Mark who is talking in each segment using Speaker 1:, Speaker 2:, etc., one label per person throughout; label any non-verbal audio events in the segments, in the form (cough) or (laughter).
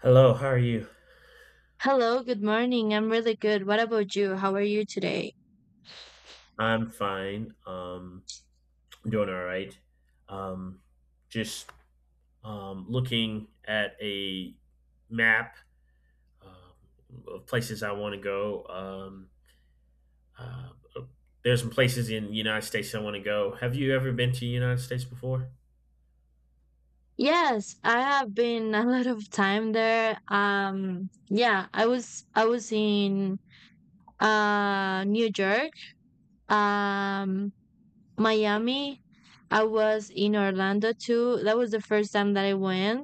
Speaker 1: Hello, how are you?
Speaker 2: Hello, good morning. I'm really good. What about you? How are you today?
Speaker 1: I'm fine. I'm doing all right. Um, just looking at a map of places I want to go. Uh, there's some places in the United States I want to go. Have you ever been to the United States before?
Speaker 2: Yes, I have been a (laughs) lot of time there. Yeah, I was in New York, um, Miami. I was in Orlando too. That was the first time that I went.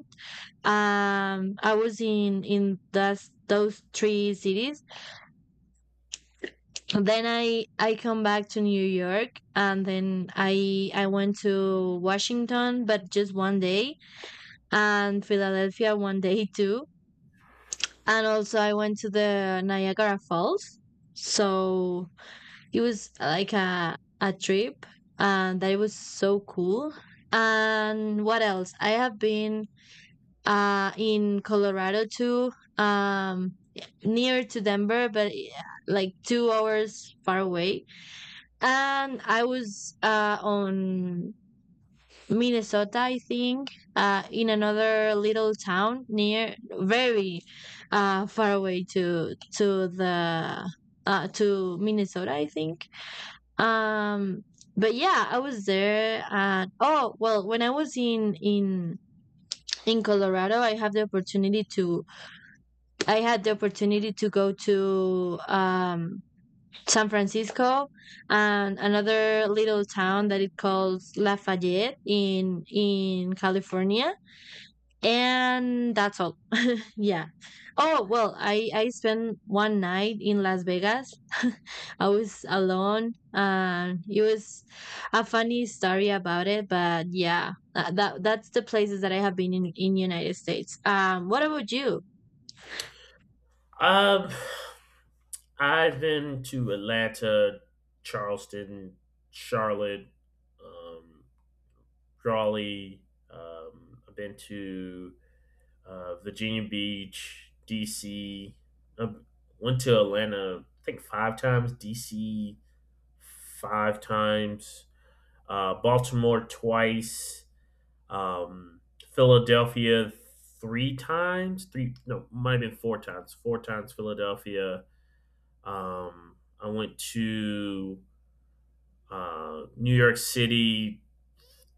Speaker 2: I was in those three cities. Then I come back to New York, and then I went to Washington but just 1 day, and Philadelphia one (laughs) day too, and also I went to the Niagara Falls. So it was like a trip, and that was so cool. And what else I have been in Colorado too, um near to Denver but like 2 hours far away. And I was on Minnesota, I think, in another little town near, very far away to the to Minnesota, I think. Um, but yeah, I was there. And oh well, when I was in in Colorado, I had the opportunity to go to San Francisco, and another little town that it calls Lafayette in California. And that's all. Yeah. Oh well, I spent one night in Las Vegas. (laughs) I was alone. It was a funny story about it, but yeah, that's the places that I have been in United States. What about you?
Speaker 1: Um, I've been to Atlanta, Charleston, Charlotte, um, Raleigh. I've been to Virginia Beach, DC. Uh, Went to Atlanta, I think five times. DC five times. Baltimore twice. Um, Philadelphia three times. Three no, Might have been four times. Four times Philadelphia. Um, I went to New York City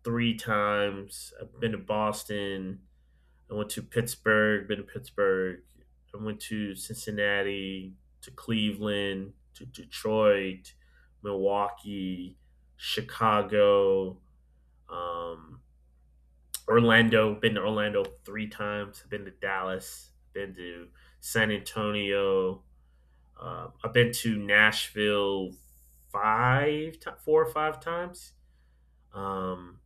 Speaker 1: three times. I've been to Boston. I went to Pittsburgh, been to Pittsburgh. I went to Cincinnati, to Cleveland, to Detroit, Milwaukee, Chicago, um, Orlando. Been to Orlando three times. I've been to Dallas. Been to San Antonio. I've been to Nashville five, four or five times. Um,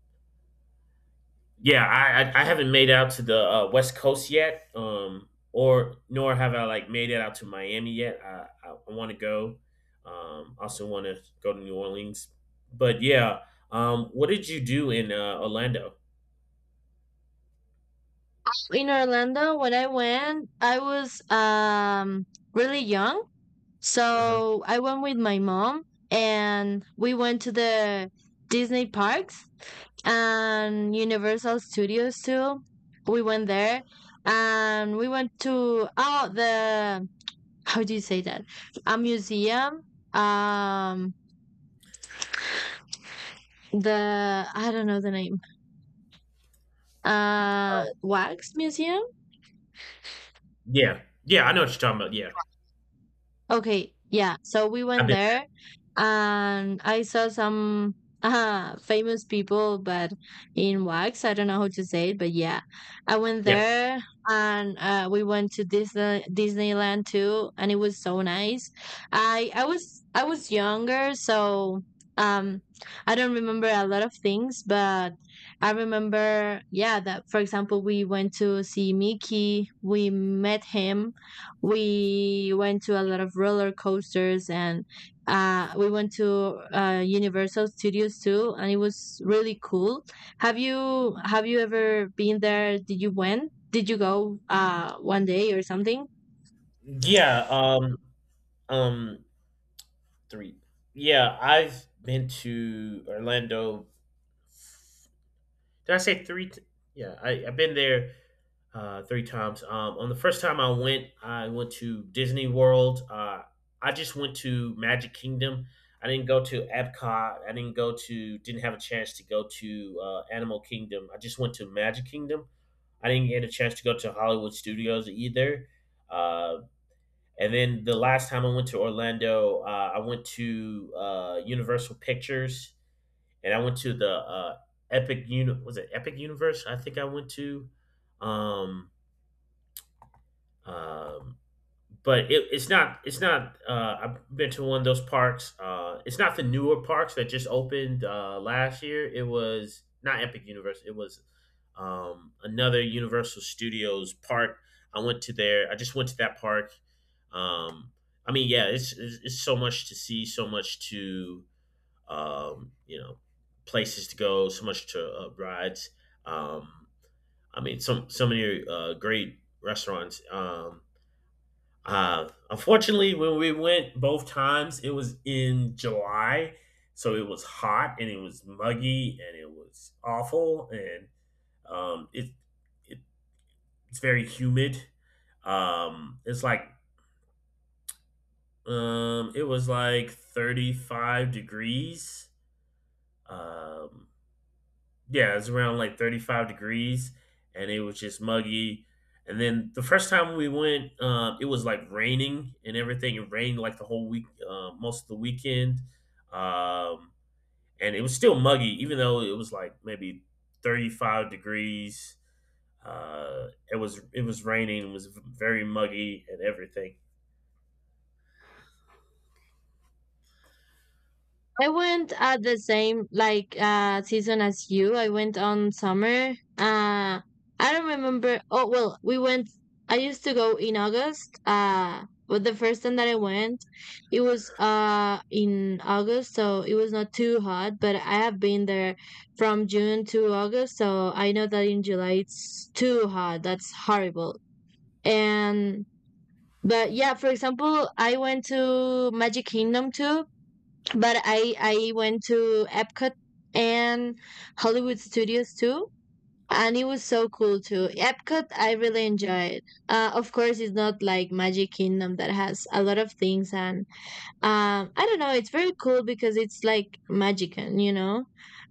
Speaker 1: yeah, I haven't made out to the West Coast yet, or nor have I like made it out to Miami yet. I want to go. Also want to go to New Orleans, but yeah. What did you do in Orlando?
Speaker 2: In Orlando, when I went, I was really young.
Speaker 1: Uh-huh.
Speaker 2: So I went with my mom, and we went to the Disney parks, and Universal Studios too. We went there, and we went to oh the, how do you say that? A museum. Um the, I don't know the name. Uh,
Speaker 1: Uh,
Speaker 2: wax museum.
Speaker 1: Yeah, yeah, I know what you're talking about. Yeah,
Speaker 2: Okay, yeah. So we
Speaker 1: I've
Speaker 2: went
Speaker 1: been.
Speaker 2: there and I saw some (laughs) famous people, but in wax. I don't know how to say it, but yeah. I went
Speaker 1: Yeah,
Speaker 2: there, and we went to Disneyland too, and it was so nice. I was younger, so um I don't remember a lot of things, but I remember, yeah, that for example, we went to see Mickey, we met him, we went to a lot of roller coasters, and we went to Universal Studios too, and it was really cool. Have you ever been there? Did you went? Did you go 1 day or something?
Speaker 1: yeah. Um, Three. Yeah, I've been to Orlando. Did I say three? Yeah, I I've been there three times. On the first time I went to Disney World. I just went to Magic Kingdom. I didn't go to Epcot. I didn't go to. Didn't have a chance to go to Animal Kingdom. I just went to Magic Kingdom. I didn't get a chance to go to Hollywood Studios either. Uh, and then the last time I went to Orlando, I went to Universal Pictures, and I went to the Epic Uni. Was it Epic Universe? I think I went to. Um, um, but it's not. It's not. I've been to one of those parks. It's not the newer parks that just opened last year. It was not Epic Universe. It was another Universal Studios park. I went to there. I just went to that park. Um, I mean, yeah, it's so much to see, so much to um, you know, places to go, so much to rides. Um, I mean, some so many great restaurants. Unfortunately, when we went both times, it was in July, so it was hot and it was muggy and it was awful and um, it, it it's very humid. Um, it's like it was like 35 degrees. Um, Yeah, it was around like 35 degrees and it was just muggy. And then the first time we went, it was like raining and everything. It rained like the whole week, most of the weekend. Um, and it was still muggy, even though it was like maybe 35 degrees. It was raining, it was very muggy and everything.
Speaker 2: I went at the same like season as you. I went on summer. Uh I don't remember, oh well we went, I used to go in August. But the first time that I went, it was in August, so it was not too hot, but I have been there from June to August, so I know that in July it's too hot. That's horrible. And but yeah, for example, I went to Magic Kingdom too, but I went to Epcot and Hollywood Studios too, and it was so cool too. Epcot I really enjoyed. Of course, it's not like Magic Kingdom that has a lot of things, and I don't know. It's very cool because it's like Magican, you know.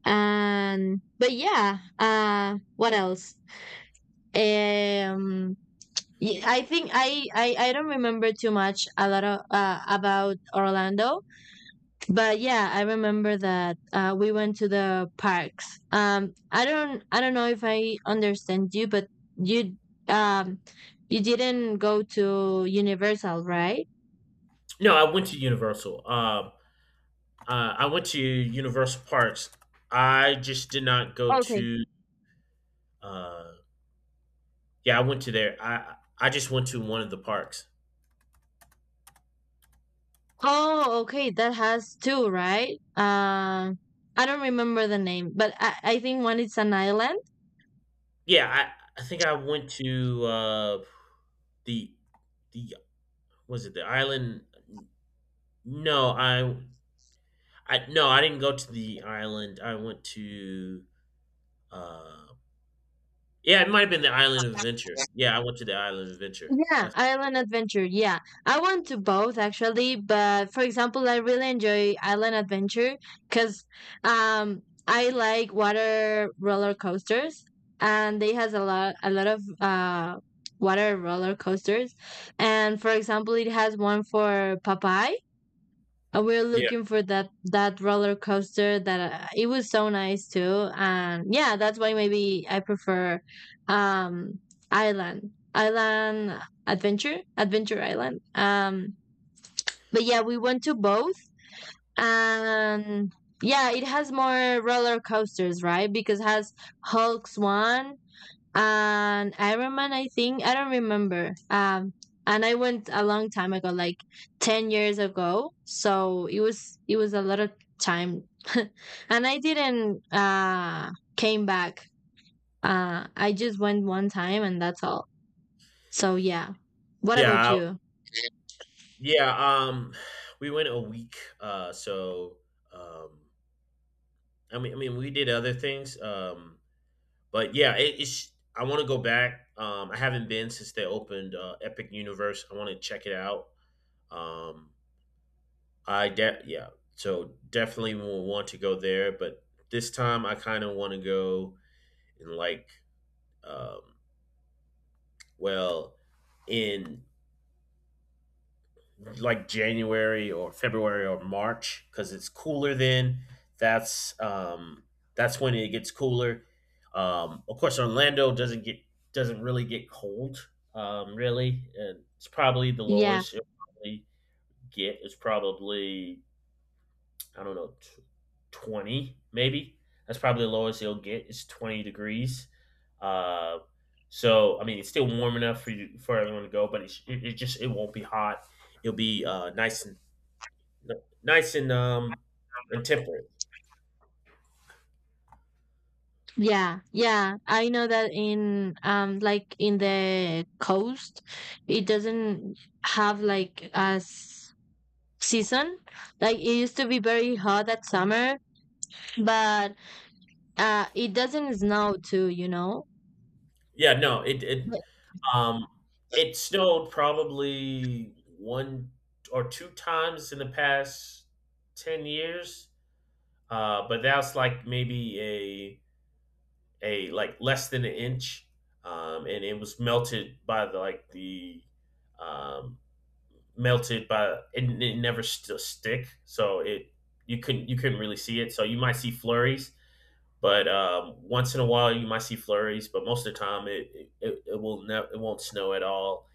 Speaker 2: And but yeah, what else? Um, yeah, I think I don't remember too much a lot of about Orlando, but yeah I remember that we went to the parks. I don't, I don't know if I understand you, but you, um you didn't go to Universal, right?
Speaker 1: No, I went to Universal. I went to Universal Parks. I just did not go
Speaker 2: Okay.
Speaker 1: to uh, yeah, I went to there. I just went to one of the parks.
Speaker 2: Oh, okay, that has two, right? I don't remember the name, but I think one is an island.
Speaker 1: Yeah, I think I went to the the was it the island? No, I no, I didn't go to the island. I went to uh, yeah, it might have been the Island of Adventure. Yeah, I went to the Island of Adventure.
Speaker 2: Yeah,
Speaker 1: That's-
Speaker 2: island adventure. Yeah, I want to both actually, but for example, I really enjoy island adventure because um I like water roller coasters, and they has a lot of water roller coasters, and for example, it has one for Popeye, we're
Speaker 1: yeah.
Speaker 2: looking for that roller coaster that it was so nice too. And yeah, that's why maybe I prefer um island island adventure adventure island. But yeah, we went to both, and yeah, it has more roller coasters, right? Because it has Hulk's one, and Iron Man, I think. I don't remember. And I went a long time ago, like 10 years ago. So it was a lot of time, (laughs) and I didn't came back. I just went one time, and that's all. So yeah. What about
Speaker 1: Yeah,
Speaker 2: you?
Speaker 1: yeah, um we went a week so um, I mean we did other things. But yeah, it's. I want to go back. I haven't been since they opened Epic Universe. I want to check it out. Um, I de- yeah, so Definitely will want to go there. But this time, I kind of want to go in like um, well in like January or February or March because it's cooler then. That's um, that's when it gets cooler. Of course, Orlando doesn't get doesn't really get cold, really, and it's probably the
Speaker 2: Yeah,
Speaker 1: lowest it probably get is probably I don't know 20 maybe. That's probably the lowest it'll get. It's 20 degrees. Uh, I mean, it's still warm enough for you for everyone to go, but it just it won't be hot. It'll be nice and nice and um temperate.
Speaker 2: yeah, I know that in like in the coast, it doesn't have like as season. Like it used to be very hot at summer, but it doesn't snow too, you know.
Speaker 1: Yeah, no, um it snowed probably one or two times in the past 10 years. But that's like maybe a like less than an inch. And it was melted by the like the um melted by, and it never stick. So it, you couldn't really see it. So you might see flurries. But once in a while, you might see flurries, but most of the time, it will never, it won't snow at all.